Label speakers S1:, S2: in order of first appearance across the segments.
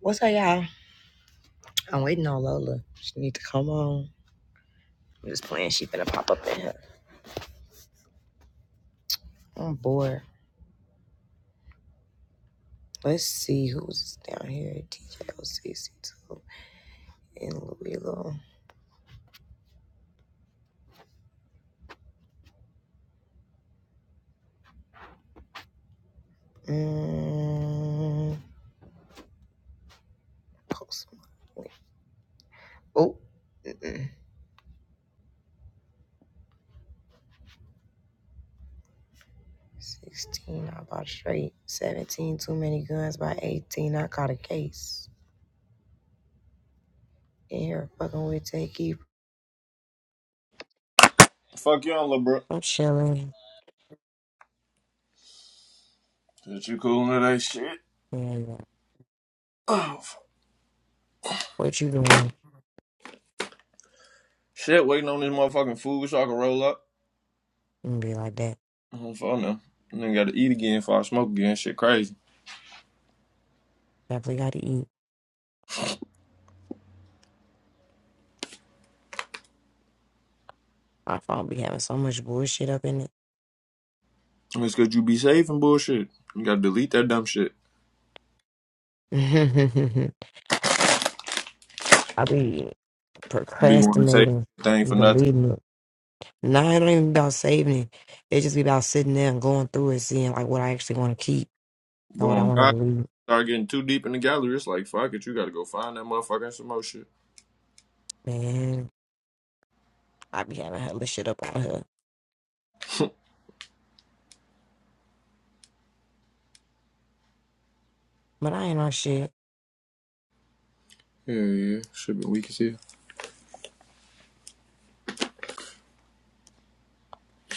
S1: What's up, y'all? I'm waiting on Lola. She need to come on. I'm just playing. She finna pop up in here. I'm bored. Let's see who's down here. DJ OCC2 and Louie Lou. Mm, post. Malone. Oh, mm-mm. 16, I bought straight. 17, too many guns by 18. I caught a case. In here, fucking with Takey.
S2: Fuck you on, little bro.
S1: I'm chilling.
S2: Shit, you cool today? Shit.
S1: Yeah, yeah.
S2: Oh,
S1: What you doing?
S2: Shit, waiting on this motherfucking food so I can roll up.
S1: And be like that.
S2: Oh, fuck no. And then gotta eat again before I smoke again. Shit crazy.
S1: Definitely got to eat. My phone be having so much bullshit up in it.
S2: And It's cause you be safe and bullshit. You gotta delete that dumb shit.
S1: I be
S2: Be wanting to save
S1: procrastinating,
S2: thing for nothing.
S1: deleting it. Nah, it don't even be about saving it. It just be about sitting there and going through it, seeing like what I actually want to keep and what I
S2: Boom.
S1: want to
S2: God,
S1: delete.
S2: start getting too deep in the gallery. It's like, fuck it, you gotta go find that motherfucker and some more shit.
S1: Man, I be having hella shit up on her, but I ain't on shit.
S2: Yeah, yeah. Should be weak as hell.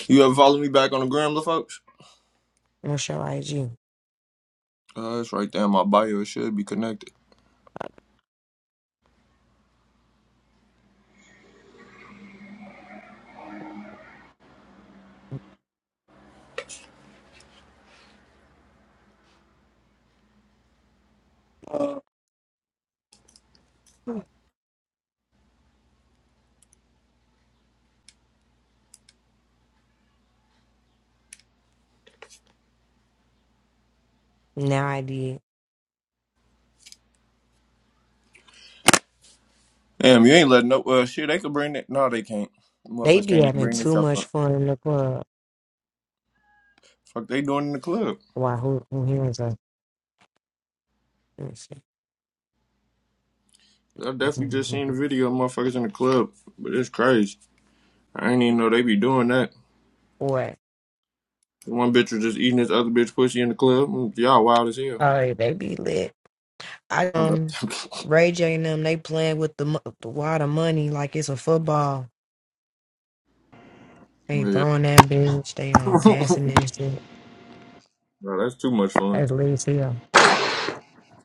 S2: You ever follow me back on the gram, little folks?
S1: No show IG.
S2: Uh, it's right there in my bio. It should be connected.
S1: Now I did.
S2: Damn, you ain't letting no. Well, shit, they could bring that. No, they can't.
S1: They
S2: Motherfuckers
S1: be
S2: can't even
S1: having
S2: bring this
S1: too
S2: up.
S1: much fun in the club.
S2: Fuck, they doing in the club.
S1: Why? Who? Who hears us? Let me
S2: I
S1: see.
S2: definitely just seen the video of motherfuckers in the club, but it's crazy. I ain't even know they be doing that.
S1: Boy,
S2: One bitch was just eating this other bitch pussy in the club. Mm, Y'all wild as hell.
S1: oh, they be lit. I
S2: How about
S1: um,
S2: that?
S1: Ray J and them, they playing with the mo- the wad of money like it's a football. They
S2: yeah.
S1: throwing that bitch. They um passing this. shit.
S2: Bro, that's too much fun.
S1: That's Liz Hill.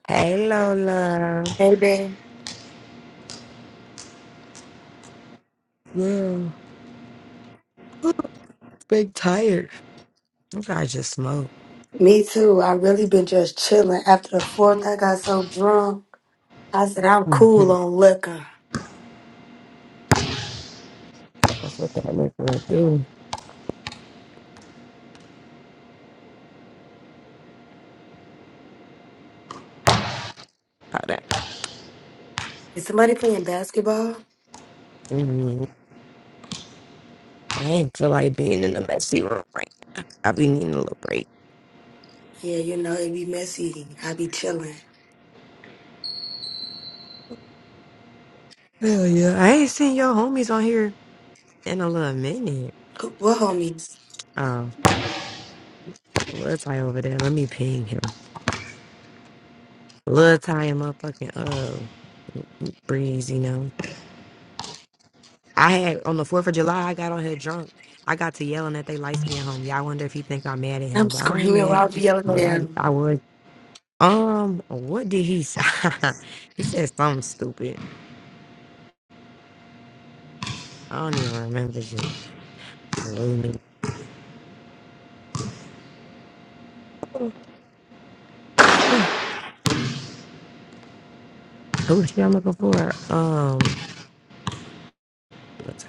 S1: Hey Lola,
S3: Amen.
S1: girl, big tired. You guys just smoke.
S3: Me too. I really been just chilling. After the fourth, I got so drunk. I said I'm cool
S1: Mhm.
S3: on liquor.
S1: That's what that look like. Dude, how that.
S3: Is somebody playing basketball?
S1: hmm I ain't feel like being in the messy room right. now. I be needing a little break.
S3: Yeah, you know it be messy. I be chilling.
S1: Hell yeah. I ain't seen your homies on here in a little minute.
S3: Who- What homies?
S1: Um, Lil Ty over there. Let me ping him. Lil Ty and motherfucking uh Breeze, you know. I had on the fourth of July I got on here drunk. I got to yelling at they light skinned homie. I wonder if he think I'm mad at
S3: I'm
S1: him, but I ain't
S3: screaming
S1: mad.
S3: while I'm yelling at
S1: But I
S3: them.
S1: I was um what did he say? he said something stupid. I don't even remember shit. Blew me. Who the shit I'm looking for? Um what's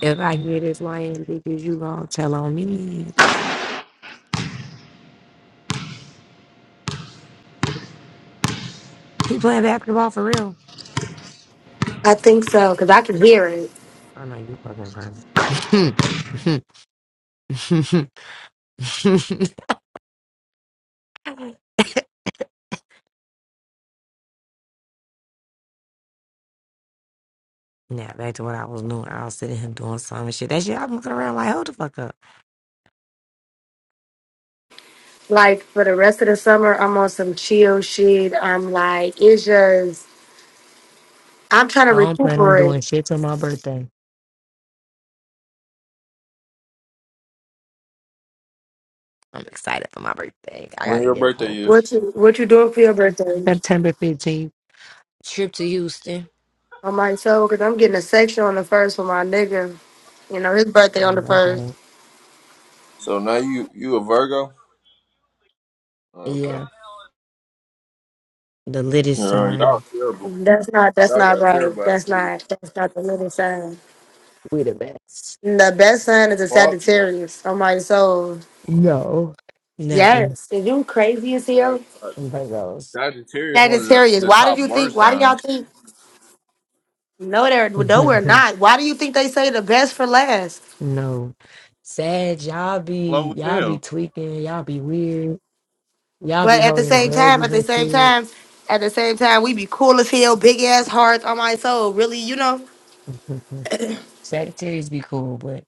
S1: If I get his lying because you gonna tell on me. He playing basketball for real.
S3: I think so because I can hear it.
S1: I know you fucking crazy. now back to what I was doing. I was sitting him doing some shit. That shit I'm looking around like hold the fuck up.
S3: Like for the rest of the summer, I'm on some chill shit. I'm like, it's just I'm trying to
S1: I don't plan on
S3: recuperate.
S1: doing shit till my birthday. I'm excited for my birthday. I
S2: When
S1: gotta
S2: your
S1: get a
S2: birthday
S1: whole
S2: is?
S1: bunch of
S3: What
S1: shit.
S3: you What you doing for your birthday?
S1: September fifteenth. Trip to Houston.
S3: on my show because I'm getting a section on the first for my nigga. You know, his
S1: I
S3: birthday on
S1: know
S3: the
S1: that's
S3: first.
S1: right.
S2: So now you you a Virgo? Oh, okay.
S1: Yeah. The littest
S2: Yeah, y'all
S1: sign.
S2: terrible.
S3: That's not that's
S2: Y'all
S3: not
S2: got
S3: right.
S2: terrible
S3: That's
S2: attitude.
S3: not that's not the middle sign.
S1: We the best.
S3: The best sign is a
S2: Fuck
S3: Sagittarius on my soul.
S1: No. Never. And
S3: Yes. Is you crazy as hell?
S2: no.
S1: there goes.
S2: Sagittarius one of the,
S3: Sagittarius.
S2: the
S3: Why did
S2: top
S3: you
S2: word
S3: think why do y'all
S2: signs.
S3: think no they're no we're not. Why do you think they say the best for last?
S1: no. Sad, y'all be
S2: Low as
S1: y'all be
S2: hell.
S1: tweaking, y'all be weird, y'all be
S3: But at the
S1: holding
S3: same time, at the
S1: grudges
S3: same
S1: and
S3: time, at the same time, we be cool as hell, big ass hearts on my soul. Really, you know,
S1: shit. Sagittarius be cool, but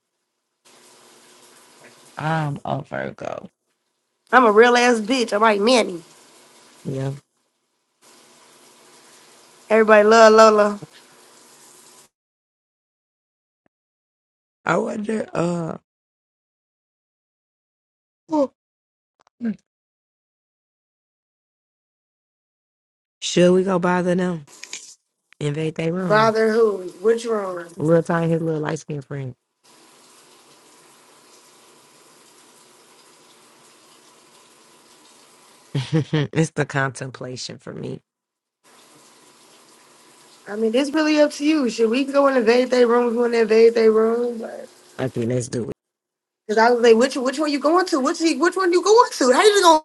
S1: I'm a Virgo.
S3: I'm a real ass bitch. I'm like Manny.
S1: Yeah.
S3: Everybody love Lola.
S1: I wonder, uh oh, should we go bother them? Invade their room.
S3: Bother who? Which room?
S1: Little time his little light skinned friend. it's the contemplation for me.
S3: I mean, it's really up to you. Should we go and invade their room? We want to invade their room? Because
S1: Okay, let's do it.
S3: I was like, which which one you going to? Which which one you going to? How you gonna